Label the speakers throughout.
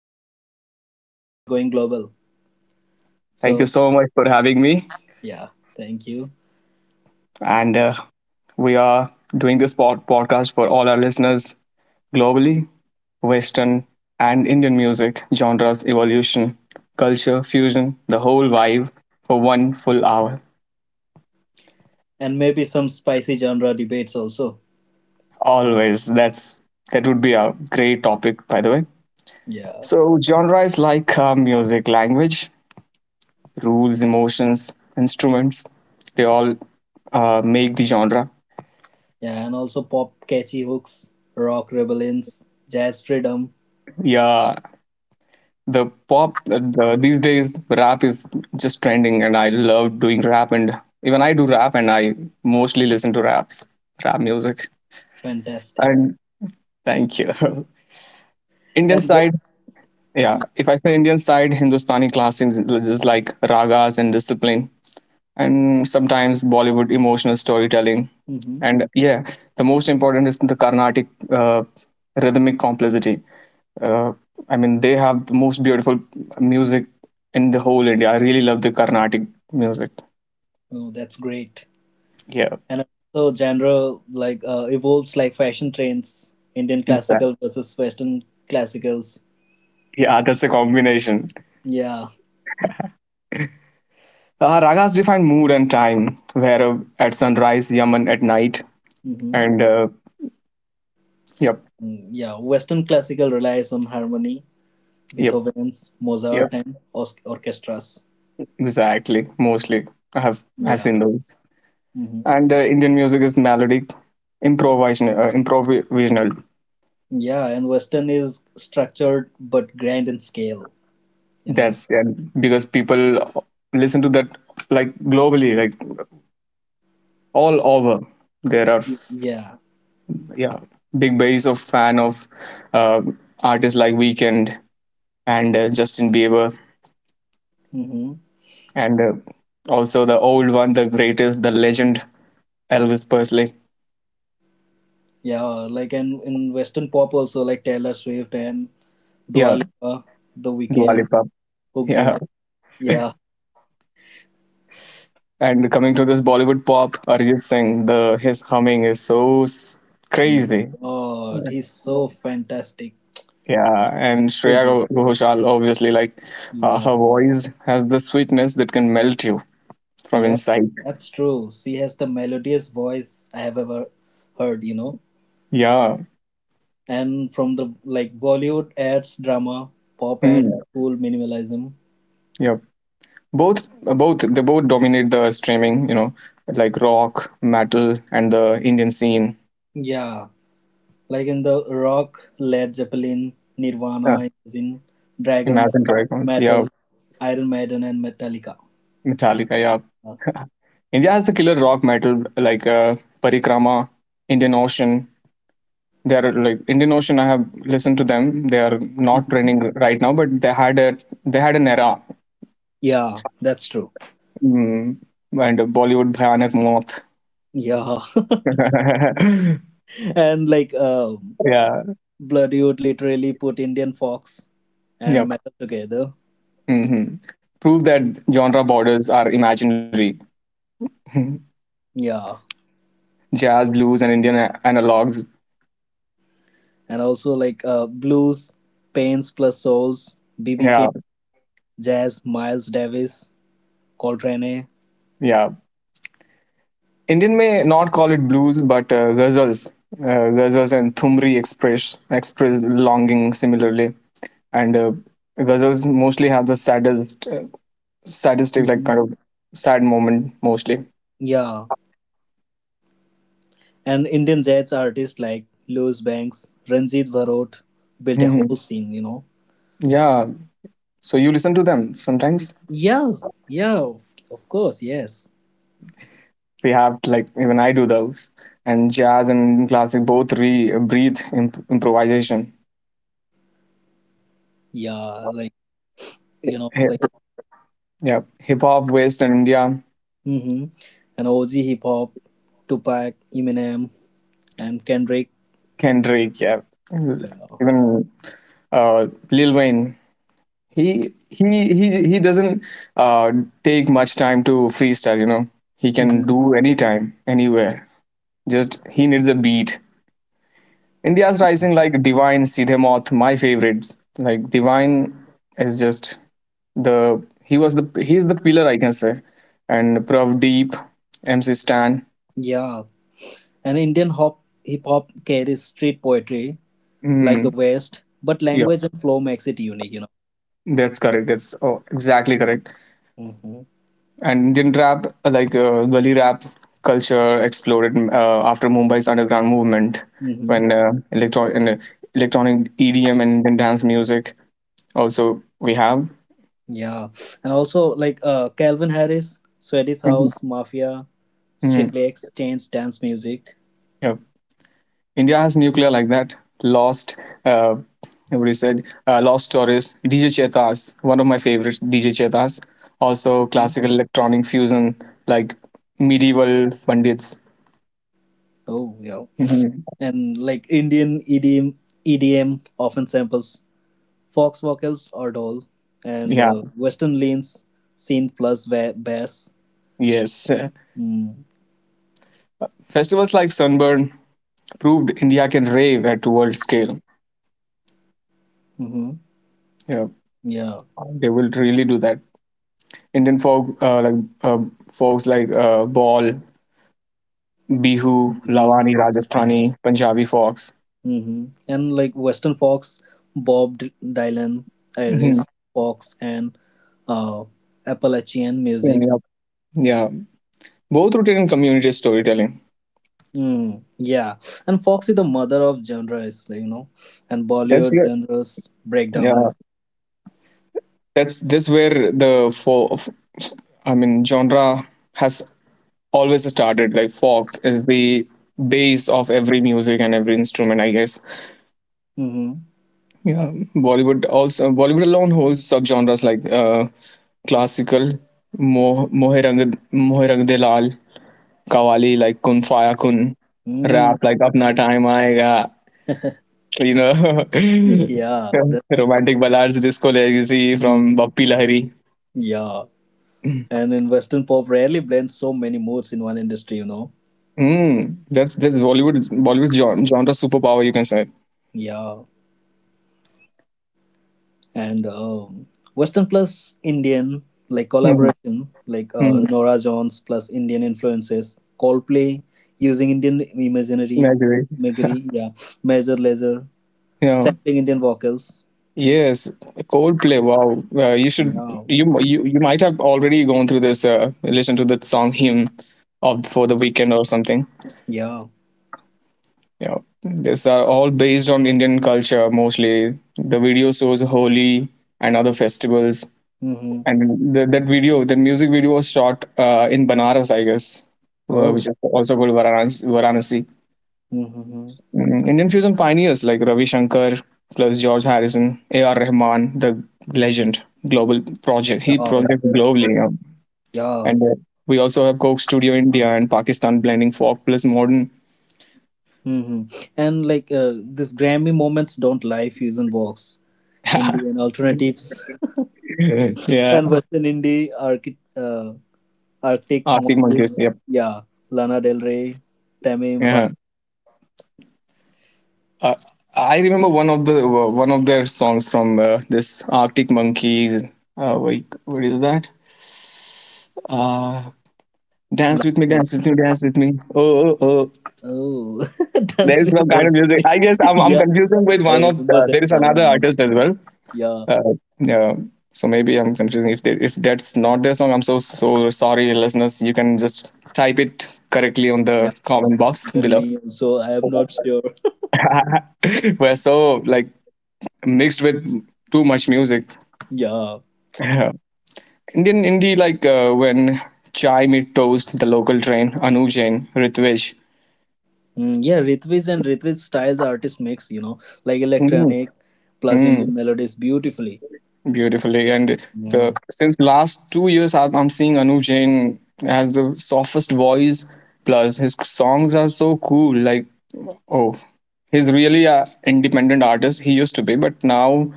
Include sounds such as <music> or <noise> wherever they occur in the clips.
Speaker 1: special. We are going global.
Speaker 2: Thank you
Speaker 1: So,
Speaker 2: so much for having me.
Speaker 1: yeah, thank you. And
Speaker 2: And we are doing this podcast for all our listeners globally, Western and Indian music, genres, evolution, culture, fusion, the whole vibe for one full hour.
Speaker 1: and maybe some spicy genre debates also.
Speaker 2: Always. That would be a great topic, by the way.
Speaker 1: Yeah.
Speaker 2: So, genre is like music, language, rules, emotions, instruments. They all make the genre.
Speaker 1: Yeah, and also pop catchy hooks, rock rebellions, jazz freedom.
Speaker 2: Yeah, these days rap is just trending, and I love doing rap, and even I do rap, and I mostly listen to rap music.
Speaker 1: Fantastic.
Speaker 2: And thank you. <laughs>
Speaker 1: And
Speaker 2: Indian
Speaker 1: the-
Speaker 2: side. Yeah, if I say Indian side, Hindustani classics, just like ragas and discipline, and sometimes Bollywood emotional storytelling.
Speaker 1: Mhm.
Speaker 2: And yeah, the most important is the Carnatic rhythmic complexity. Uh, I mean, they have the most beautiful music in the whole India. I really love the Carnatic music.
Speaker 1: Oh, that's great.
Speaker 2: Yeah,
Speaker 1: And also, genre like evolves like fashion trends, Indian
Speaker 2: exactly.
Speaker 1: classical versus Western classicals.
Speaker 2: Yeah, that's a combination.
Speaker 1: Yeah.
Speaker 2: Ragas define mood and time. Where at sunrise, Yaman at night,
Speaker 1: Mm-hmm.
Speaker 2: and uh, yep,
Speaker 1: Mm, yeah, Western classical relies on harmony,
Speaker 2: yep,
Speaker 1: Beethoven's,
Speaker 2: yep,
Speaker 1: Mozart, and orchestras.
Speaker 2: exactly. Mostly, I've
Speaker 1: Yeah.
Speaker 2: seen those.
Speaker 1: Hmm.
Speaker 2: And Indian music is melodic, improvisational, improvisational.
Speaker 1: Yeah, and Western is structured but grand in scale, you know?
Speaker 2: That's, yeah, because people listen to that like globally, like all over. there are
Speaker 1: Y-
Speaker 2: f-
Speaker 1: Yeah.
Speaker 2: yeah, big base of fan of uh, artists like weekend and Justin Bieber,
Speaker 1: Hmm.
Speaker 2: and also the old one, the greatest, the legend, Elvis Presley.
Speaker 1: Yeah, like and in Western pop also, like Taylor Swift and Dua
Speaker 2: Yeah.
Speaker 1: Lipa, The
Speaker 2: Dua
Speaker 1: Weeknd,
Speaker 2: Lipa.
Speaker 1: Hook
Speaker 2: Yeah,
Speaker 1: Driven. Yeah.
Speaker 2: and coming to this Bollywood pop, Arjit Singh, the his humming is so
Speaker 1: My
Speaker 2: crazy.
Speaker 1: God, he's so fantastic.
Speaker 2: Yeah, and
Speaker 1: So
Speaker 2: Shreya
Speaker 1: good.
Speaker 2: Ghoshal, obviously, like
Speaker 1: Yeah.
Speaker 2: her voice has the sweetness that can melt you from
Speaker 1: Yeah,
Speaker 2: inside.
Speaker 1: that's true. She has the melodious voice I have ever heard, you know?
Speaker 2: Yeah.
Speaker 1: And from the like Bollywood adds drama, pop adds
Speaker 2: Hmm.
Speaker 1: cool minimalism.
Speaker 2: Yep. Both they both dominate the streaming, you know, like rock metal and the Indian scene.
Speaker 1: Yeah, like in the rock, Led Zeppelin,
Speaker 2: Yeah.
Speaker 1: Nirvana, Imagine, Dragons,
Speaker 2: Imagine Dragons, yeah.
Speaker 1: Metal, Iron Maiden, and Metallica.
Speaker 2: Metallica, yeah.
Speaker 1: <laughs> Uh,
Speaker 2: India has the killer rock metal, like Parikrama, Indian Ocean. They are like Indian Ocean. I have listened to them. They are not
Speaker 1: mhm.
Speaker 2: trending right now, but they had an era.
Speaker 1: Yeah, that's true.
Speaker 2: Mm, and Bollywood Bhayanak Moth.
Speaker 1: Yeah,
Speaker 2: <laughs>
Speaker 1: <laughs> and like
Speaker 2: Yeah.
Speaker 1: Bloody would literally put Indian fox and
Speaker 2: Yep.
Speaker 1: metal together.
Speaker 2: Hmm. Prove that genre borders are imaginary. <laughs>
Speaker 1: Yeah,
Speaker 2: Jazz, blues, and Indian analogs.
Speaker 1: and also like blues, Pains plus Souls, BB
Speaker 2: Yeah,
Speaker 1: King, Jazz, Miles Davis, Coltrane.
Speaker 2: yeah. Indian may not call it blues, but ghazals, ghazals and thumri express longing similarly. And ghazals mostly have the saddest, sadistic like
Speaker 1: Mm-hmm.
Speaker 2: kind of sad moment mostly.
Speaker 1: Yeah, and Indian jazz artists like Louis Banks, Ranjit Bharot built a whole
Speaker 2: Hmm.
Speaker 1: scene.
Speaker 2: Yeah. So you listen to them sometimes.
Speaker 1: Yeah, yeah, of course, yes.
Speaker 2: We have, like, even I do those, and jazz and classic both re breathe improvisation.
Speaker 1: Yeah, like, like,
Speaker 2: Hi- yeah, hip hop, West and India.
Speaker 1: mm-hmm. And OG hip hop, Tupac, Eminem, and Kendrick.
Speaker 2: Kendrick, yeah,
Speaker 1: Yeah.
Speaker 2: even Lil Wayne. He he he doesn't uh, take much time to freestyle. You know, he can
Speaker 1: Mm-hmm.
Speaker 2: do anytime, anywhere. Just he needs a beat. India's rising, like Divine, Sidhe Moth, my favorites. Like Divine is just the he was the he's the pillar, I can say, and Prav Deep, MC Stan.
Speaker 1: Yeah, and Indian hop hip hop carries street poetry like the
Speaker 2: Mm,
Speaker 1: West, but
Speaker 2: yeah,
Speaker 1: language and flow makes it unique.
Speaker 2: that's correct. That's, oh, exactly correct.
Speaker 1: Mm-hmm.
Speaker 2: And Indian rap, like gully rap culture exploded, after Mumbai's underground movement
Speaker 1: Mm-hmm.
Speaker 2: when electronic EDM and dance music also we have.
Speaker 1: Yeah, and also like Calvin Harris, Swedish
Speaker 2: Mhm.
Speaker 1: House Mafia,
Speaker 2: Mhm.
Speaker 1: Strictly Exchange Dance Music.
Speaker 2: Yeah. India has nuclear like that. Lost, uh, Lost Stories, DJ Chetas, one of my favorites, DJ Chetas. Also,
Speaker 1: Mhm.
Speaker 2: classical electronic fusion like medieval bandits.
Speaker 1: Oh yeah,
Speaker 2: Mhm.
Speaker 1: and like Indian EDM, EDM often samples fox vocals or dole, and
Speaker 2: Yeah,
Speaker 1: Western leans, synth plus bass.
Speaker 2: yes.
Speaker 1: Mm.
Speaker 2: Festivals like Sunburn proved India can rave at world scale.
Speaker 1: Mm-hmm.
Speaker 2: Yeah,
Speaker 1: Yeah.
Speaker 2: they will really do that. Indian folk, like uh, folks like Ball, Bihu,
Speaker 1: Bihu.
Speaker 2: Lavani,
Speaker 1: Yeah.
Speaker 2: Rajasthani, Punjabi folks.
Speaker 1: Mm-hmm. And like Western Fox, Bob Dylan,
Speaker 2: Mm-hmm.
Speaker 1: Iris Fox, and uh, Appalachian music.
Speaker 2: Yeah, yeah, both rooted in community storytelling.
Speaker 1: Mm, yeah, and Fox is the mother of genres, and
Speaker 2: That's
Speaker 1: Bollywood
Speaker 2: yeah,
Speaker 1: genres breakdown.
Speaker 2: yeah. That's where the folk, I mean, genre has always started. Like folk is the base of every music and every instrument, I guess.
Speaker 1: Mm-hmm.
Speaker 2: Yeah, Bollywood alone holds subgenres like classical, mohe rang, mohe rang de laal, kawali like kun faya kun,
Speaker 1: Mm,
Speaker 2: rap like apna time aayega. So, you know,
Speaker 1: yeah, that,
Speaker 2: <laughs> romantic ballads, disco legacy from
Speaker 1: mhm.
Speaker 2: Bappi Lahiri.
Speaker 1: Yeah, and in Western pop, rarely blends so many moods in one industry.
Speaker 2: Mm, that's Bollywood genre superpower, you can say.
Speaker 1: Yeah, and Western plus Indian like
Speaker 2: Mm-hmm.
Speaker 1: collaboration, like
Speaker 2: Mm-hmm.
Speaker 1: Nora Jones plus Indian influences, Coldplay using Indian
Speaker 2: I
Speaker 1: imaginary,
Speaker 2: agree.
Speaker 1: imagery, yeah, Major Lazer
Speaker 2: Yeah.
Speaker 1: sampling Indian vocals.
Speaker 2: Yes, Coldplay. Wow,
Speaker 1: Yeah.
Speaker 2: you might have already gone through this. Listen to the song "Hymn" of for the weekend or something.
Speaker 1: Yeah.
Speaker 2: Yeah, these are all based on Indian culture mostly. The video shows Holi and other festivals,
Speaker 1: Mm-hmm.
Speaker 2: and that video, that music video was shot in Banaras, I guess,
Speaker 1: Oh.
Speaker 2: which is also called Varanasi. Varanasi.
Speaker 1: Mm-hmm.
Speaker 2: Mm, Indian fusion pioneers like Ravi Shankar plus George Harrison, A.R. Rahman, the legend, global project. He
Speaker 1: Yeah.
Speaker 2: project
Speaker 1: There's,
Speaker 2: globally, you know.
Speaker 1: yeah.
Speaker 2: And we also have Coke Studio India and Pakistan blending folk plus modern.
Speaker 1: Mm-hmm. And like this Grammy moments don't lie. Fusion box,
Speaker 2: <laughs>
Speaker 1: Indian alternatives, <laughs>
Speaker 2: Yeah,
Speaker 1: and Western indie Arctic
Speaker 2: Arctic
Speaker 1: monkeys.
Speaker 2: Monkeys. Yep.
Speaker 1: Yeah. Lana Del Rey, Tame
Speaker 2: Yeah.
Speaker 1: Impala.
Speaker 2: Uh, I remember one of the one of their songs from this Arctic Monkeys. Wait, what is that? Uh, dance
Speaker 1: Lana
Speaker 2: with me,
Speaker 1: Del
Speaker 2: dance with me, dance with me. Oh, oh, oh.
Speaker 1: Oh, <laughs>
Speaker 2: There
Speaker 1: dance
Speaker 2: is
Speaker 1: with me,
Speaker 2: no kind of
Speaker 1: dance with
Speaker 2: music.
Speaker 1: me.
Speaker 2: I guess
Speaker 1: <laughs>
Speaker 2: I'm
Speaker 1: Yeah,
Speaker 2: confusing with
Speaker 1: I
Speaker 2: one of
Speaker 1: remember that
Speaker 2: there is
Speaker 1: song.
Speaker 2: another
Speaker 1: You know.
Speaker 2: artist as well.
Speaker 1: Yeah.
Speaker 2: Uh, yeah, so maybe I'm confusing if if that's not their song. I'm so so sorry, listeners. You can just type it correctly on
Speaker 1: Yeah.
Speaker 2: the comment box
Speaker 1: Even
Speaker 2: below.
Speaker 1: me. So I am
Speaker 2: <laughs>
Speaker 1: not sure. <laughs>
Speaker 2: We're so like mixed with too much music.
Speaker 1: Yeah.
Speaker 2: Yeah. Indian indie like when Chai Meet Toast, The Local Train, Anu Jain, Ritwij.
Speaker 1: Mm, yeah, Ritwik and Ritwik styles artist mix, like
Speaker 2: Mm.
Speaker 1: electronic plus
Speaker 2: Mm.
Speaker 1: Indian melodies beautifully.
Speaker 2: Beautifully. And
Speaker 1: Yeah.
Speaker 2: the since last 2 years, I'm seeing Anu Jain has the softest voice. Plus, his songs are so cool. Like, oh, he's really a independent artist. He used to be, but now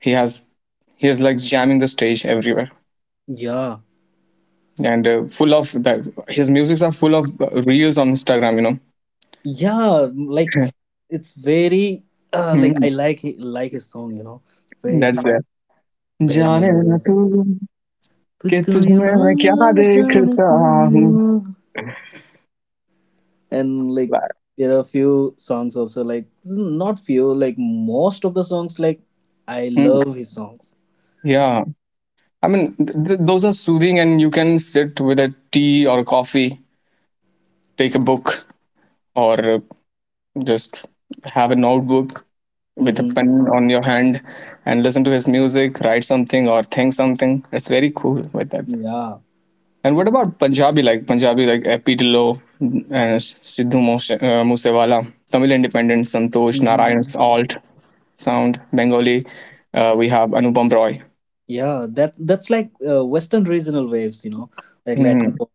Speaker 2: he has he is like jamming the stage everywhere,
Speaker 1: Yeah,
Speaker 2: and his musics are full of reels on Instagram. You know,
Speaker 1: yeah, like it's very
Speaker 2: <laughs>
Speaker 1: like
Speaker 2: Hmm,
Speaker 1: I like like his song, very
Speaker 2: that's it.
Speaker 1: very
Speaker 2: जाने ना तू
Speaker 1: melodies.
Speaker 2: कि
Speaker 1: तुझको
Speaker 2: तुझ
Speaker 1: you
Speaker 2: में
Speaker 1: ना
Speaker 2: मैं क्या
Speaker 1: जाने
Speaker 2: देखता
Speaker 1: तू
Speaker 2: हूँ.
Speaker 1: and like there are few songs also like not few like most of the songs like I
Speaker 2: Hmm,
Speaker 1: love his songs.
Speaker 2: yeah, I mean, those are soothing, and you can sit with a tea or a coffee, take a book, or just have a notebook with a
Speaker 1: Mm-hmm.
Speaker 2: pen on your hand and listen to his music, write something, or think something. It's very cool with that.
Speaker 1: Yeah.
Speaker 2: And what about Punjabi? Like Punjabi, like Epitilo and Musewala, Tamil Independent, Santosh Narayan's
Speaker 1: Mm-hmm.
Speaker 2: Alt Sound, Bengali. We have Anupam Roy.
Speaker 1: Yeah, that's like Western regional waves, like Latin
Speaker 2: Hmm,
Speaker 1: pop,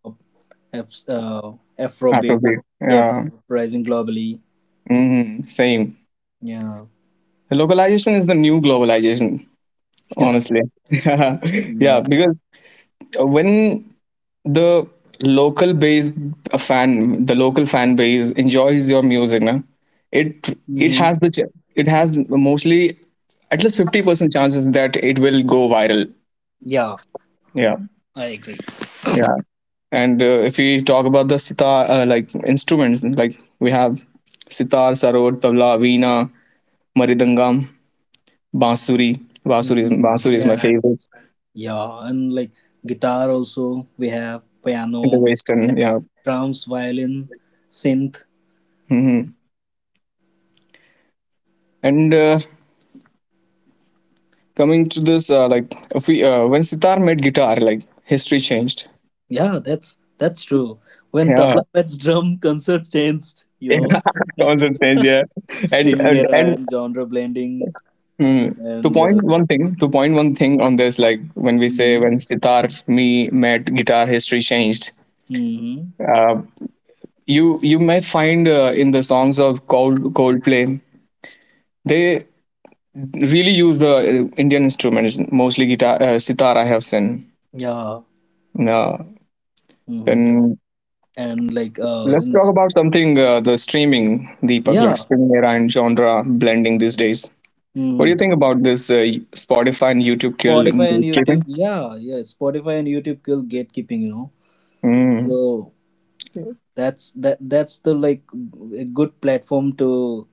Speaker 1: F, uh, Afrobeat,
Speaker 2: Afrobeat.
Speaker 1: K-pop,
Speaker 2: Yeah.
Speaker 1: rising globally.
Speaker 2: Hmm. Same.
Speaker 1: Yeah,
Speaker 2: Localization is the new globalization,
Speaker 1: <laughs> yeah,
Speaker 2: honestly. <laughs> Yeah,
Speaker 1: yeah.
Speaker 2: because when the local base the local fan base enjoys your music, na, it has
Speaker 1: Mm-hmm.
Speaker 2: it has mostly at least 50% chances that it will go viral.
Speaker 1: Yeah.
Speaker 2: Yeah,
Speaker 1: I agree.
Speaker 2: yeah. And if we talk about the sitar, like instruments, like we have sitar, sarod, tabla, veena, maridangam, bansuri.
Speaker 1: Hmm.
Speaker 2: Bansuri is my
Speaker 1: Yeah,
Speaker 2: favorite.
Speaker 1: yeah, and like guitar also. We have
Speaker 2: In the
Speaker 1: piano,
Speaker 2: western,
Speaker 1: like
Speaker 2: yeah.
Speaker 1: drums, violin, synth.
Speaker 2: Hmm. And coming to this like if we when sitar made guitar, like history changed.
Speaker 1: Yeah, that's true. When
Speaker 2: Yeah.
Speaker 1: tabla mets drum, <laughs> concert changed.
Speaker 2: <laughs> Yeah, concert changed,
Speaker 1: <laughs>
Speaker 2: yeah.
Speaker 1: Streaming era
Speaker 2: And,
Speaker 1: and genre blending
Speaker 2: mm,
Speaker 1: and.
Speaker 2: to point one thing on this, like when we say
Speaker 1: Hmm,
Speaker 2: when sitar me met guitar, history changed,
Speaker 1: hmm.
Speaker 2: you may find in the songs of Coldplay, they really use the Indian instruments, mostly guitar, sitar, I have seen.
Speaker 1: Yeah.
Speaker 2: No.
Speaker 1: Hmm.
Speaker 2: Then.
Speaker 1: And like
Speaker 2: Let's talk about something the streaming, Deepak, like
Speaker 1: yeah.
Speaker 2: streaming era and genre blending these days. What do you
Speaker 1: Hmm.
Speaker 2: think about this Spotify and YouTube killed in
Speaker 1: Spotify and YouTube.
Speaker 2: gatekeeping?
Speaker 1: Yeah, yeah. Spotify and YouTube kill gatekeeping.
Speaker 2: Mm.
Speaker 1: So that's the like a good platform to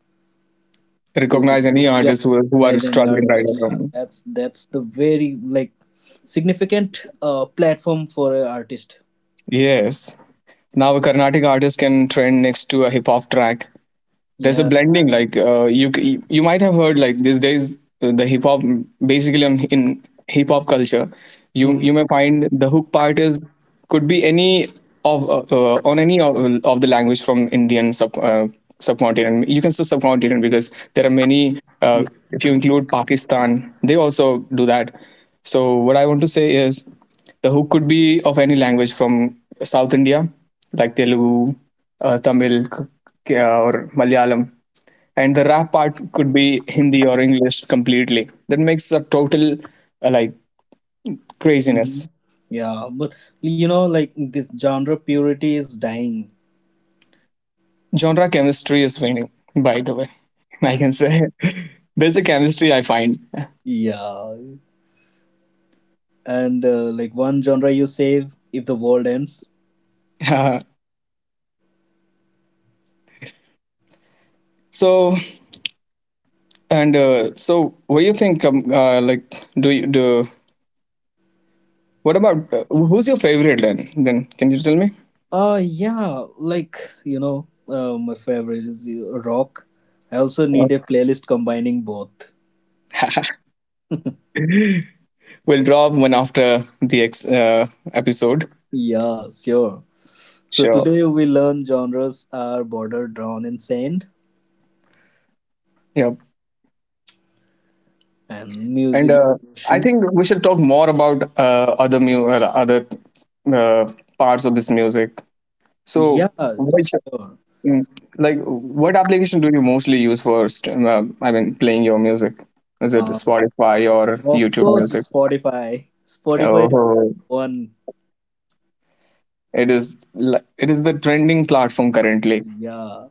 Speaker 1: to
Speaker 2: Recognize any
Speaker 1: yeah
Speaker 2: artists who are
Speaker 1: recognize any
Speaker 2: struggling right
Speaker 1: artist. Yeah.
Speaker 2: now.
Speaker 1: That's the very like significant platform for an artist.
Speaker 2: Yes. Now a Carnatic artist can trend next to a hip hop track. There's a
Speaker 1: Yeah.
Speaker 2: blending, like you you might have heard, like these days the hip hop basically in hip hop culture, you
Speaker 1: Mm-hmm.
Speaker 2: you may find the hook part is could be any of on any of the language from Indian subcontinent, you can say subcontinent, because there are many. If you include Pakistan, they also do that. So what I want to say is the hook could be of any language from South India, like Telugu, Tamil, or Malayalam. And the rap part could be Hindi or English completely. That makes a total like craziness.
Speaker 1: Mm-hmm. Yeah, but like this genre purity is dying.
Speaker 2: Genre chemistry is winning, by the way. <laughs> I can say <laughs> there's a chemistry I find. <laughs>
Speaker 1: Yeah, and like one genre you save if the world ends.
Speaker 2: Uh, so and so, what do you think? Like, do you do? What about who's your favorite then? Then can you tell me?
Speaker 1: Yeah, like, my favorite is rock. I also need a playlist combining both.
Speaker 2: <laughs> We'll drop one after the ex episode.
Speaker 1: Yeah, sure. So
Speaker 2: Sure.
Speaker 1: today we learn genres are border drawn in sand
Speaker 2: Yep.
Speaker 1: and
Speaker 2: And
Speaker 1: music
Speaker 2: I
Speaker 1: generation.
Speaker 2: think we should talk more about other uh, parts of this music. So,
Speaker 1: Yeah,
Speaker 2: which,
Speaker 1: sure.
Speaker 2: mm, like what application do you mostly use for? I mean, playing your music. Is it
Speaker 1: uh,
Speaker 2: Spotify or
Speaker 1: of
Speaker 2: YouTube
Speaker 1: course,
Speaker 2: Music?
Speaker 1: Spotify is
Speaker 2: Oh,
Speaker 1: one.
Speaker 2: it is. It is the trending platform currently.
Speaker 1: Yeah,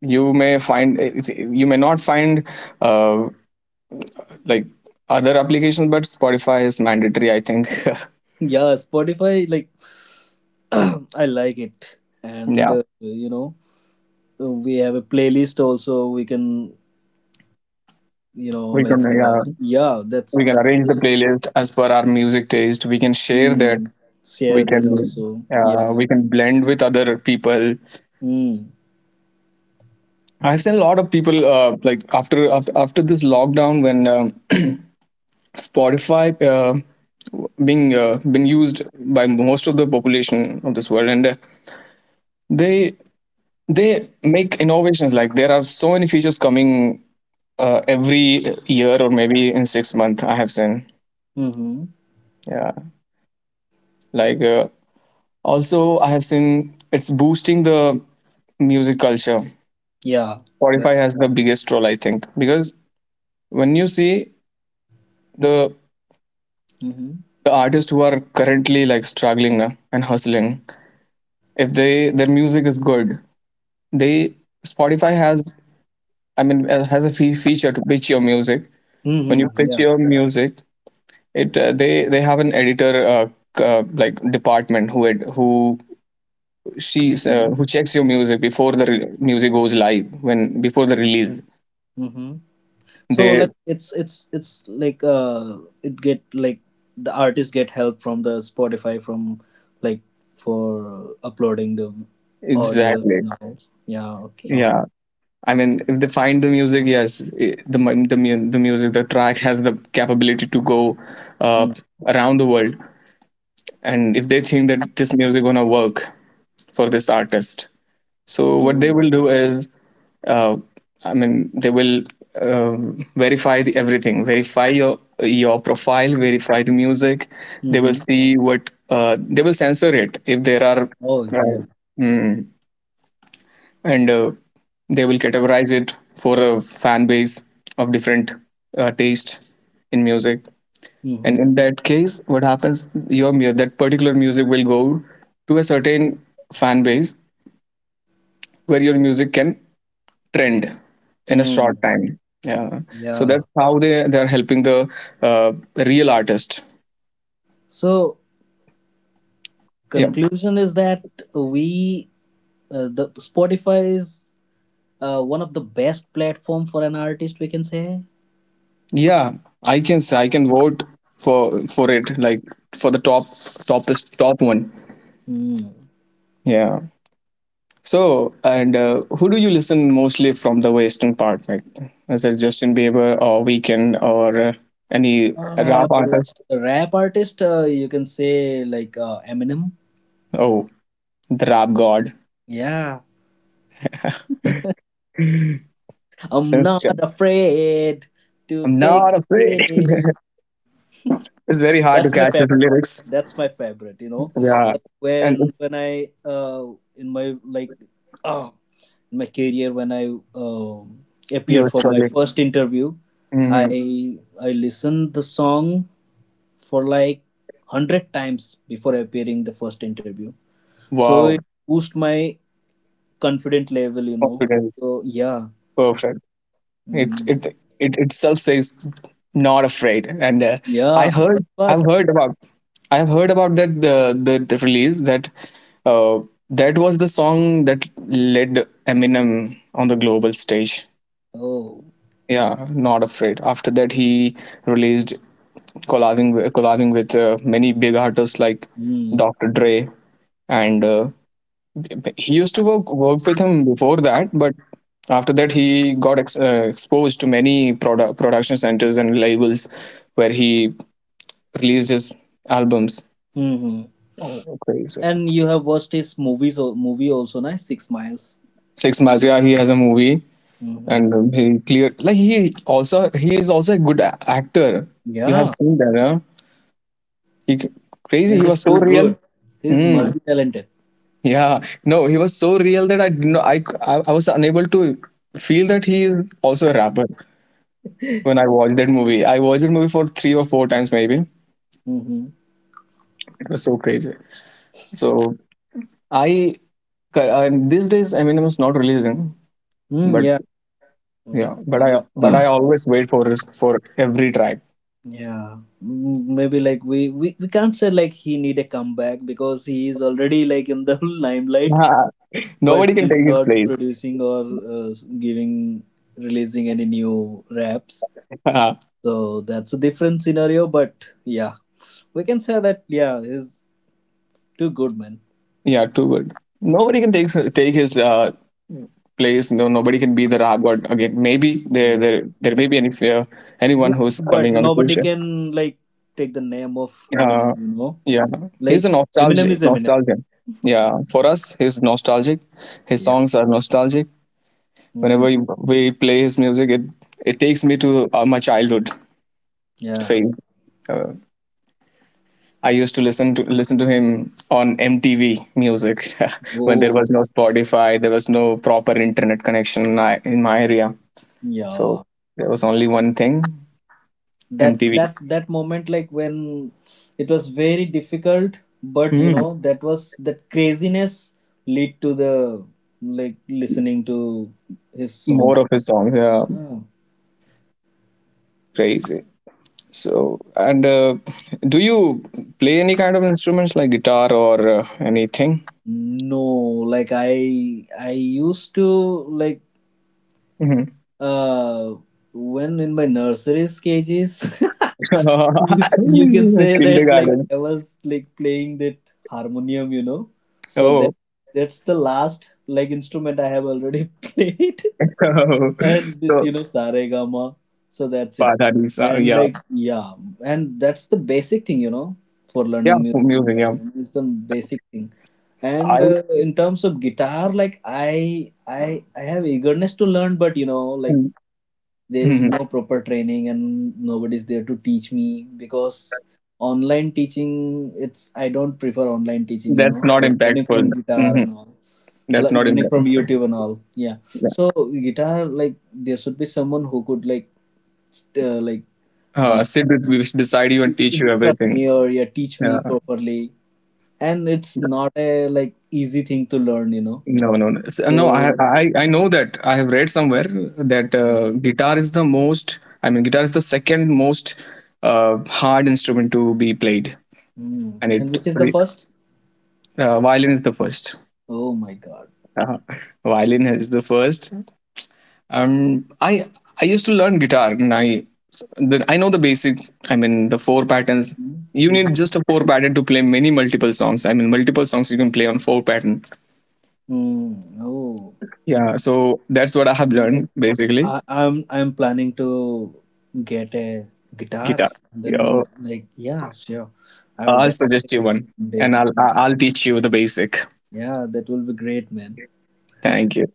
Speaker 2: You may find you may not find uh, like other applications, but Spotify is mandatory, I think.
Speaker 1: yeah. Spotify, like, <clears throat> I like it, and
Speaker 2: <laughs> Yeah,
Speaker 1: we have a playlist also. We can,
Speaker 2: we can.
Speaker 1: like,
Speaker 2: Yeah.
Speaker 1: yeah,
Speaker 2: We can
Speaker 1: that's,
Speaker 2: arrange the playlist as per our music taste. We can share that.
Speaker 1: mm,
Speaker 2: We
Speaker 1: share
Speaker 2: can
Speaker 1: that also. Yeah.
Speaker 2: we can blend with other people.
Speaker 1: Mm.
Speaker 2: I've seen a lot of people, like after this lockdown when Spotify uh, being been used by most of the population of this world, and they they make innovations. Like there are so many features coming every year or maybe in 6 months, I have seen.
Speaker 1: Mm-hmm.
Speaker 2: Yeah, like, also, I have seen it's boosting the music culture.
Speaker 1: Yeah, that,
Speaker 2: Spotify has the biggest role, I think, because when you see the
Speaker 1: mm-hmm.
Speaker 2: the artists who are currently like struggling now and hustling, if they their music is good, they— Spotify has, I mean has a feature to pitch your music. When you
Speaker 1: Mm-hmm.
Speaker 2: pitch
Speaker 1: Yeah,
Speaker 2: your music, it— they have an editor, like, department who who— she's
Speaker 1: okay.
Speaker 2: who checks your music before the music goes live, when— before the release.
Speaker 1: Mm-hmm. So,
Speaker 2: They—
Speaker 1: like, it's like it get, like, the artists get help from the Spotify, from, like, for uploading the audio
Speaker 2: exactly.
Speaker 1: and all. Yeah, okay.
Speaker 2: Yeah. I mean, if they find the music, yes, the track has the capability to go uh,
Speaker 1: Mm.
Speaker 2: around the world. And if they think that this music gonna work for this artist, so what they
Speaker 1: Oh.
Speaker 2: will do is, uh, I mean, they will uh, verify everything, verify your profile, verify the music. They will
Speaker 1: Mm-hmm.
Speaker 2: see what— they will censor it if there are.
Speaker 1: Oh
Speaker 2: Uh,
Speaker 1: yeah.
Speaker 2: mm, and they will categorize it for a fan base of different taste in music, and
Speaker 1: Mm-hmm.
Speaker 2: in that case, what happens— your that particular music will go to a certain fan base where your music can trend in a short
Speaker 1: Mm.
Speaker 2: time. Yeah, so
Speaker 1: Yeah,
Speaker 2: that's how they are helping the uh, real artist.
Speaker 1: so
Speaker 2: Yeah,
Speaker 1: conclusion is that we, the Spotify is one of the best platform for an artist, we can say.
Speaker 2: yeah, I can say, I can vote for— for it, like, for the top, top one.
Speaker 1: Mm.
Speaker 2: Yeah. So, and who do you listen mostly from the western part? Like, is it Justin Bieber or Weekend, or any rap
Speaker 1: Oh,
Speaker 2: artist?
Speaker 1: the rap artist, you can say like Eminem.
Speaker 2: Oh, the rap god.
Speaker 1: Yeah, I'm
Speaker 2: Since
Speaker 1: not afraid to
Speaker 2: I'm
Speaker 1: take
Speaker 2: not
Speaker 1: a
Speaker 2: afraid.
Speaker 1: stand. <laughs>
Speaker 2: <laughs> It's very hard to
Speaker 1: That's my
Speaker 2: catch the
Speaker 1: favorite.
Speaker 2: lyrics.
Speaker 1: That's my favorite.
Speaker 2: Yeah,
Speaker 1: Like
Speaker 2: and
Speaker 1: when
Speaker 2: it's—
Speaker 1: when I in my like uh, in my career when I
Speaker 2: you
Speaker 1: appeared
Speaker 2: are
Speaker 1: for my
Speaker 2: struggling.
Speaker 1: first interview,
Speaker 2: Hmm.
Speaker 1: I I listened the song for like 100 times before appearing the first interview. So it
Speaker 2: Wow,
Speaker 1: boost my confident level.
Speaker 2: confidence,
Speaker 1: So yeah.
Speaker 2: perfect. It
Speaker 1: Mm,
Speaker 2: it itself says not afraid, and i
Speaker 1: yeah,
Speaker 2: heard i've
Speaker 1: but
Speaker 2: heard about I have heard about that— the release, that uh, that was the song that led Eminem on the global stage.
Speaker 1: oh.
Speaker 2: Yeah, not afraid. After that, he released, collabing with many big artists like
Speaker 1: Mm,
Speaker 2: Dr. Dre. And he used to work with him before that, but after that, he got exposed to many production centers and labels where he released his albums.
Speaker 1: hmm.
Speaker 2: Oh, crazy!
Speaker 1: And you have watched his movies, or movie also, nice. 6 miles.
Speaker 2: 6 months, yeah, he has a movie. And
Speaker 1: Hmm.
Speaker 2: he cleared. Like, he is also a good actor. You have
Speaker 1: Yeah.
Speaker 2: seen that, huh? He c- Crazy.
Speaker 1: And
Speaker 2: He
Speaker 1: he's
Speaker 2: was so
Speaker 1: too
Speaker 2: real.
Speaker 1: good. He's
Speaker 2: Mm,
Speaker 1: multi-talented.
Speaker 2: yeah, no, he was so real that I did not— I, c- I was unable to feel that he is also a rapper when I watched that movie. I watched that movie for three or four times, maybe.
Speaker 1: Mm-hmm.
Speaker 2: It was so crazy. So I— and these days, Eminem is not releasing,
Speaker 1: Mm,
Speaker 2: but
Speaker 1: yeah, like
Speaker 2: yeah, but
Speaker 1: maybe <clears throat>
Speaker 2: I always wait for his— for every track.
Speaker 1: yeah. Mm, maybe like we can't say like he need a comeback because he is already like in the <laughs> limelight,
Speaker 2: Ah, <laughs>
Speaker 1: but
Speaker 2: nobody can
Speaker 1: he's
Speaker 2: take his
Speaker 1: not
Speaker 2: place. <laughs>
Speaker 1: producing or uh, giving releasing any new raps,
Speaker 2: Ah,
Speaker 1: so that's a different scenario. But yeah, we can say that yeah is too good, man.
Speaker 2: yeah, too good. Nobody can take his place. No, nobody can be the Rag God again. Maybe
Speaker 1: Yeah.
Speaker 2: there may be any anyone
Speaker 1: This-
Speaker 2: who's
Speaker 1: but
Speaker 2: coming on the
Speaker 1: nobody
Speaker 2: future.
Speaker 1: can like take the name of Eminem,
Speaker 2: Uh, yeah, he's a
Speaker 1: like Eminem is Eminem.
Speaker 2: nostalgian. Yeah, for us, he's nostalgic. His
Speaker 1: Yeah.
Speaker 2: songs are nostalgic. Whenever
Speaker 1: Mm,
Speaker 2: we play his music, it— it takes me to my childhood
Speaker 1: yeah.
Speaker 2: phase. Uh, I used to listen to him on MTV music <laughs> when
Speaker 1: Oh
Speaker 2: there was no Spotify, there was no proper internet connection in in my area. So
Speaker 1: yeah,
Speaker 2: there was only one thing,
Speaker 1: that
Speaker 2: MTV.
Speaker 1: that that moment like when it was very difficult, but you
Speaker 2: Mm.
Speaker 1: know that was that craziness lead to the, like, listening to his
Speaker 2: More
Speaker 1: songs.
Speaker 2: of his songs, yeah,
Speaker 1: Yeah.
Speaker 2: crazy. So, and do you play any kind of instruments like guitar or anything?
Speaker 1: No, like I used to, like,
Speaker 2: Mhm.
Speaker 1: uh, when in my nursery cages, <laughs> you can
Speaker 2: <laughs>
Speaker 1: say that like
Speaker 2: Kindergarten.
Speaker 1: I was like playing that harmonium. So that
Speaker 2: Oh,
Speaker 1: that's the last like instrument I have already <laughs> played,
Speaker 2: <laughs>
Speaker 1: and this,
Speaker 2: so
Speaker 1: saregama. So that's it,
Speaker 2: Father Isa,
Speaker 1: and
Speaker 2: yeah,
Speaker 1: like yeah, and that's the basic thing for
Speaker 2: yeah,
Speaker 1: learning music.
Speaker 2: for music, yeah.
Speaker 1: Saregama is the basic thing.
Speaker 2: I—
Speaker 1: And in terms of guitar, like I have eagerness to learn, but like there is
Speaker 2: mhm.
Speaker 1: no proper training and nobody's there to teach me because online teaching, it's I don't prefer online teaching,
Speaker 2: That's not
Speaker 1: like learning
Speaker 2: impactful.
Speaker 1: from guitar
Speaker 2: Hmm.
Speaker 1: and all,
Speaker 2: That's not
Speaker 1: learning from
Speaker 2: impactful.
Speaker 1: youtube and all. Yeah.
Speaker 2: Yeah.
Speaker 1: So guitar, like there should be someone who could like like uh,
Speaker 2: Sit with beside you and teach you
Speaker 1: instruct me,
Speaker 2: everything.
Speaker 1: or yeah, teach me
Speaker 2: Yeah.
Speaker 1: properly, and it's not a, like, easy thing to learn,
Speaker 2: No, no, no.
Speaker 1: so
Speaker 2: I know that I have read somewhere that guitar is the most— I mean, guitar is the second most hard instrument to be played,
Speaker 1: mm.
Speaker 2: and
Speaker 1: And
Speaker 2: it—
Speaker 1: which is the first?
Speaker 2: violin is the first.
Speaker 1: Oh my god.
Speaker 2: Uh, Violin is the first. Um, I I used to learn guitar, and I— I know the basic. I mean, the four patterns.
Speaker 1: Mm.
Speaker 2: You
Speaker 1: Mm.
Speaker 2: need just a four pattern to play many multiple songs. I mean, multiple songs you can play on four pattern.
Speaker 1: Mm. Oh.
Speaker 2: Yeah, so that's what I have learned
Speaker 1: Like
Speaker 2: basically,
Speaker 1: I'm planning to get a guitar.
Speaker 2: guitar. Yeah,
Speaker 1: Then like yeah, sure, I will
Speaker 2: I'll
Speaker 1: definitely
Speaker 2: suggest you
Speaker 1: get it
Speaker 2: one,
Speaker 1: someday.
Speaker 2: and I'll
Speaker 1: And
Speaker 2: I'll teach you the basic.
Speaker 1: yeah, that will be great, man.
Speaker 2: Thank you.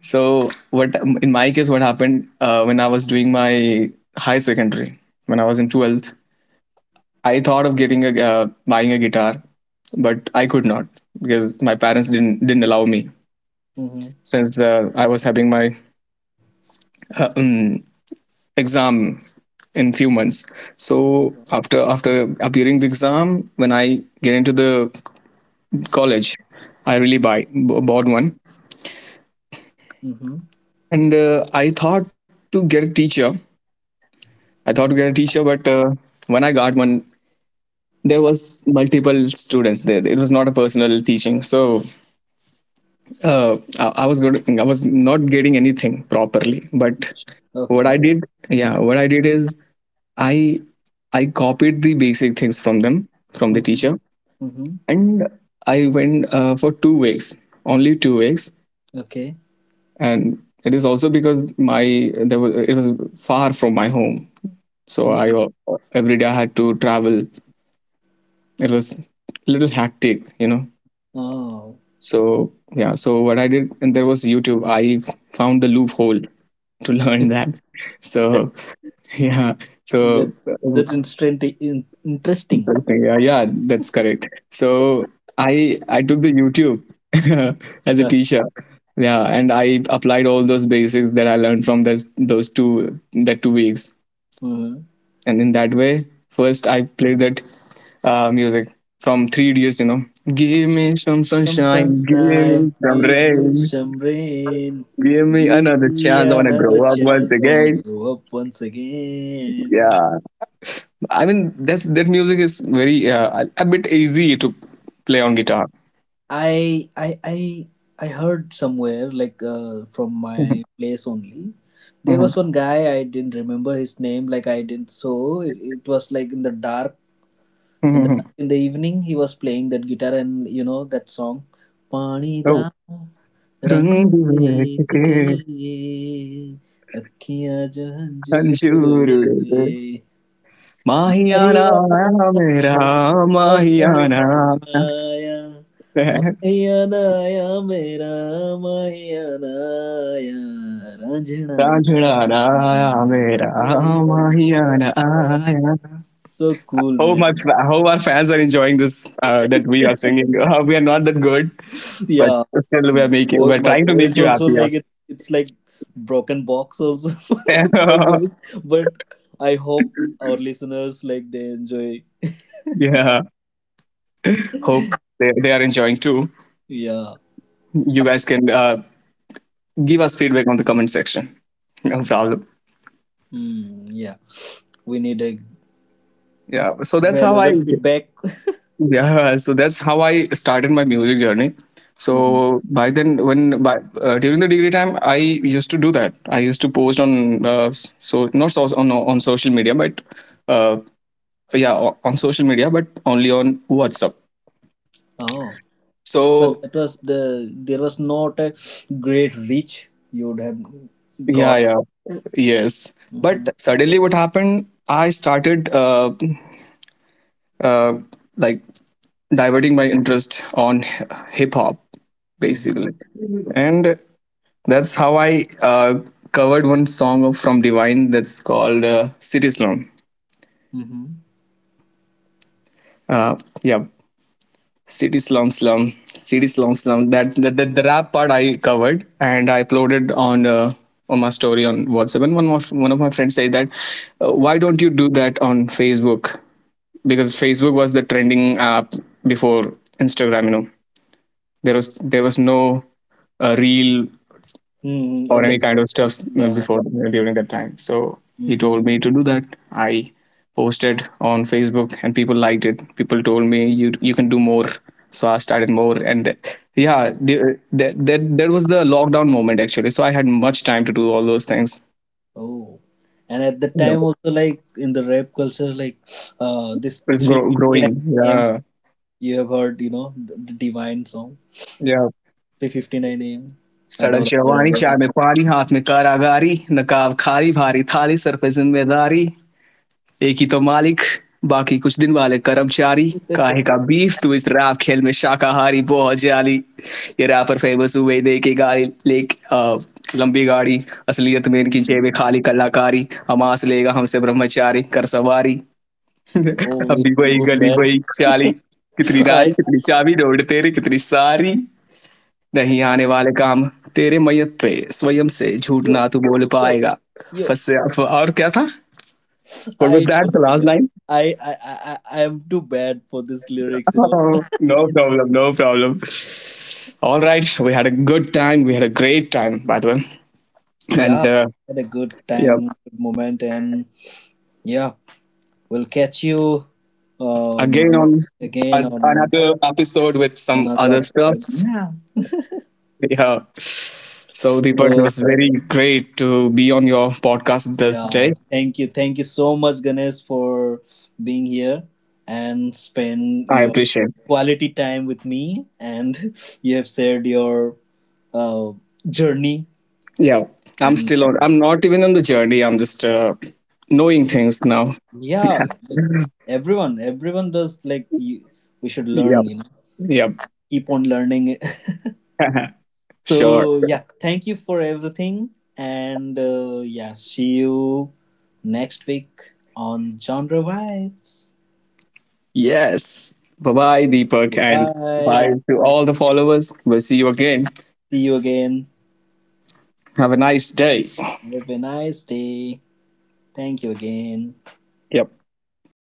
Speaker 2: So, what— in my case, what happened when I was doing my high secondary, when I was in twelfth, I thought of getting a— buying a guitar, but I could not because my parents didn't allow me,
Speaker 1: Mm-hmm.
Speaker 2: since I was having my uh, um, exam in few months. So
Speaker 1: Uh-huh.
Speaker 2: after appearing the exam, when I get into the college, I really bought one.
Speaker 1: Mm-hmm.
Speaker 2: And I thought to get a teacher. I thought to get a teacher, but when I got one, there was multiple students there. It was not a personal teaching, so I was good. I was not getting anything properly. But what
Speaker 1: Okay.
Speaker 2: I did— yeah, what I did is, I I copied the basic things from them, from the
Speaker 1: Mm-hmm.
Speaker 2: teacher,
Speaker 1: Mm-hmm.
Speaker 2: and I went for 2 weeks, only 2 weeks,
Speaker 1: Okay.
Speaker 2: and it is also because my— there was— it was far from my home, so I
Speaker 1: Mm-hmm.
Speaker 2: every day I had to travel. It was a little hectic, you know.
Speaker 1: Oh,
Speaker 2: So yeah, so what I did— and there was YouTube. I found the loophole to <laughs> learn
Speaker 1: <laughs>
Speaker 2: that. So <laughs> yeah, so
Speaker 1: that's
Speaker 2: uh,
Speaker 1: that's interesting.
Speaker 2: interesting. Yeah, yeah, that's correct. So i I took the YouTube <laughs> as a
Speaker 1: Uh,
Speaker 2: teacher. Yeah, and I applied all those basics that I learned from those two— that 2 weeks.
Speaker 1: mhm.
Speaker 2: And in that way, first I played that music from Three Idiots, you know, give me some
Speaker 1: Comes from
Speaker 2: sunshine, give me
Speaker 1: crime.
Speaker 2: some
Speaker 1: Give me
Speaker 2: rain,
Speaker 1: some rain.
Speaker 2: give me
Speaker 1: Give
Speaker 2: another
Speaker 1: me
Speaker 2: chance, I want to grow
Speaker 1: another
Speaker 2: up once
Speaker 1: chance. I wanna
Speaker 2: again.
Speaker 1: grow up once again.
Speaker 2: Yeah, I mean, that's— that music is very, a bit easy to play on guitar.
Speaker 1: I I I I heard somewhere like from my place only. There was one guy. I didn't remember his name. Like I didn't. So it was like in the dark, in the
Speaker 2: <laughs>
Speaker 1: in the evening he was playing that guitar, and you know that song, pani
Speaker 2: Oh,
Speaker 1: da rang
Speaker 2: रंग बिरंग
Speaker 1: dekh
Speaker 2: के
Speaker 1: ke akhiyan jo hanjur ud
Speaker 2: Anjur उड़े
Speaker 1: gaye
Speaker 2: माहियाना
Speaker 1: maiya
Speaker 2: आया
Speaker 1: mera
Speaker 2: मेरा माहियाना. <laughs>
Speaker 1: maiya aaya mera maiya aaya ranjana na
Speaker 2: Rajana.
Speaker 1: maiya aaya, so cool,
Speaker 2: Hope
Speaker 1: man.
Speaker 2: my hope our fans are enjoying this, that we are
Speaker 1: <laughs>
Speaker 2: singing. <laughs> We are not that good, but
Speaker 1: Yeah.
Speaker 2: still we are
Speaker 1: Mm.
Speaker 2: making—
Speaker 1: Boy,
Speaker 2: we're
Speaker 1: my
Speaker 2: trying to make
Speaker 1: voice
Speaker 2: you
Speaker 1: also,
Speaker 2: happy.
Speaker 1: like, it's like broken box also
Speaker 2: Yeah,
Speaker 1: <laughs> my
Speaker 2: <laughs>
Speaker 1: voice. But I hope our listeners like they enjoy.
Speaker 2: yeah. Hope they are enjoying too.
Speaker 1: Yeah,
Speaker 2: You guys can give us feedback on the comment section. No problem.
Speaker 1: mm, yeah. We need a
Speaker 2: Yeah. So that's how I—
Speaker 1: valuable feedback.
Speaker 2: yeah, so that's how I started my music journey.
Speaker 1: Mhm.
Speaker 2: So by then, when by— during the degree time, I used to do that. I used to post on so not so on— on social media, but uh, yeah, on social media, but only on WhatsApp.
Speaker 1: Oh, but
Speaker 2: So
Speaker 1: that was the there was not a great reach you would have
Speaker 2: yeah,
Speaker 1: got.
Speaker 2: yeah, yes.
Speaker 1: Mm-hmm.
Speaker 2: But suddenly, what happened? I started, uh, like, diverting my interest on hip hop,
Speaker 1: Mm-hmm.
Speaker 2: basically, and— that's how I covered one song of— from Divine, that's called City Slum.
Speaker 1: Mm-hmm.
Speaker 2: Uh, yeah, City Slum Slum, City Slum Slum. That— the rap part I covered, and I uploaded on my story on WhatsApp. And one of my friends said that, why don't you do that on Facebook? Because Facebook was the trending app before Instagram. You know, there was no real or
Speaker 1: Mm-hmm.
Speaker 2: any kind of stuff
Speaker 1: Yeah.
Speaker 2: before during that time. So he told
Speaker 1: Mm-hmm.
Speaker 2: me to do that. I posted on Facebook and people liked it. People told me, you— you can do more. So I started more, and yeah, that was the lockdown moment, actually. So I had much time to do all those things.
Speaker 1: Oh, and at the
Speaker 2: Yeah.
Speaker 1: time also, like in the rap culture, like this
Speaker 2: It's
Speaker 1: 3:59
Speaker 2: growing.
Speaker 1: a.m.
Speaker 2: Yeah,
Speaker 1: You have heard, the Divine song
Speaker 2: yeah.
Speaker 1: 3:59 a.m.
Speaker 2: सड़क
Speaker 1: Dollar, dollar,
Speaker 2: जवानी चाय
Speaker 1: dollar.
Speaker 2: में पानी हाथ में कारागारी नकाब खारी भारी थाली सर पे जिम्मेदारी एक ही तो मालिक बाकी कुछ दिन वाले कर्मचारी काहे
Speaker 1: <laughs>
Speaker 2: का बीफ तू इस रैप खेल में शाकाहारी बहुत जाली ये रैपर फेमस हुए देखे गाड़ी ले लंबी गाड़ी असलियत में इनकी
Speaker 1: Hmm.
Speaker 2: जेबें खाली कलाकारी हमास लेगा हमसे ब्रह्मचारी कर सवारी <laughs>
Speaker 1: Oh, you're
Speaker 2: अभी
Speaker 1: too
Speaker 2: वही
Speaker 1: good,
Speaker 2: गली
Speaker 1: man.
Speaker 2: वही चाली
Speaker 1: <laughs>
Speaker 2: कितनी
Speaker 1: I,
Speaker 2: नारी कितनी चाबी रोड तेरे कितनी सारी नहीं
Speaker 1: I
Speaker 2: आने वाले काम तेरे मैयत पे स्वयं से झूठ
Speaker 1: yo
Speaker 2: ना तू बोल
Speaker 1: yo
Speaker 2: पाएगा
Speaker 1: yo.
Speaker 2: फंसे और क्या था. What was
Speaker 1: I
Speaker 2: that?
Speaker 1: don't
Speaker 2: The
Speaker 1: know,
Speaker 2: last
Speaker 1: man.
Speaker 2: line?
Speaker 1: I am too bad for these lyrics. You know.
Speaker 2: Oh, no problem. No problem. All right. We had a good time. We had a great time, by the way. And
Speaker 1: Yeah, had a good
Speaker 2: yeah,
Speaker 1: time, good moment, and yeah, we'll catch you
Speaker 2: again
Speaker 1: um,
Speaker 2: on
Speaker 1: again
Speaker 2: a-
Speaker 1: on
Speaker 2: another episode with some
Speaker 1: another
Speaker 2: other
Speaker 1: episode.
Speaker 2: stuffs.
Speaker 1: Yeah.
Speaker 2: Yeah. So, Deepak, it
Speaker 1: So
Speaker 2: was very great to be on your podcast this
Speaker 1: yeah,
Speaker 2: day.
Speaker 1: thank you so much, Ganesh, for being here and spend
Speaker 2: I
Speaker 1: your
Speaker 2: appreciate.
Speaker 1: quality time with me. And <laughs> you have shared your uh, journey.
Speaker 2: Yeah. I'm
Speaker 1: And
Speaker 2: still on. I'm not even on the journey. I'm just knowing things now.
Speaker 1: yeah, like, everyone, everyone does like you, we should
Speaker 2: Yeah.
Speaker 1: learn.
Speaker 2: Yeah.
Speaker 1: Keep on learning.
Speaker 2: <laughs> Sure.
Speaker 1: So yeah, thank you for everything, and yeah, see you next week on Genre Vibes.
Speaker 2: Yes. Bye bye, Deepak,
Speaker 1: Bye
Speaker 2: and
Speaker 1: bye. Good
Speaker 2: bye to
Speaker 1: night.
Speaker 2: all the followers. We'll see you again.
Speaker 1: See you again.
Speaker 2: Have a nice day.
Speaker 1: Have a nice day. Thank you again.
Speaker 2: Yep.